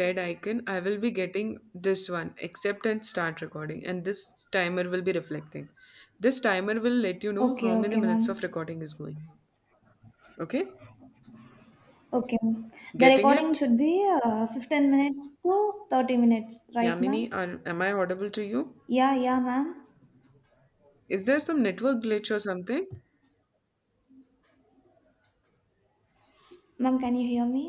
Red icon, I will be getting this one, accept and start recording, and this timer will be reflecting. This timer will let you know Okay, how many okay, ma'am. minutes of recording is going. Okay? Okay, ma'am. The Getting recording it? should be 15 minutes to 30 minutes, right, ma'am? Yamini, am I audible to you? Yeah, yeah, ma'am. Is there some network glitch or something? Ma'am, can you hear me?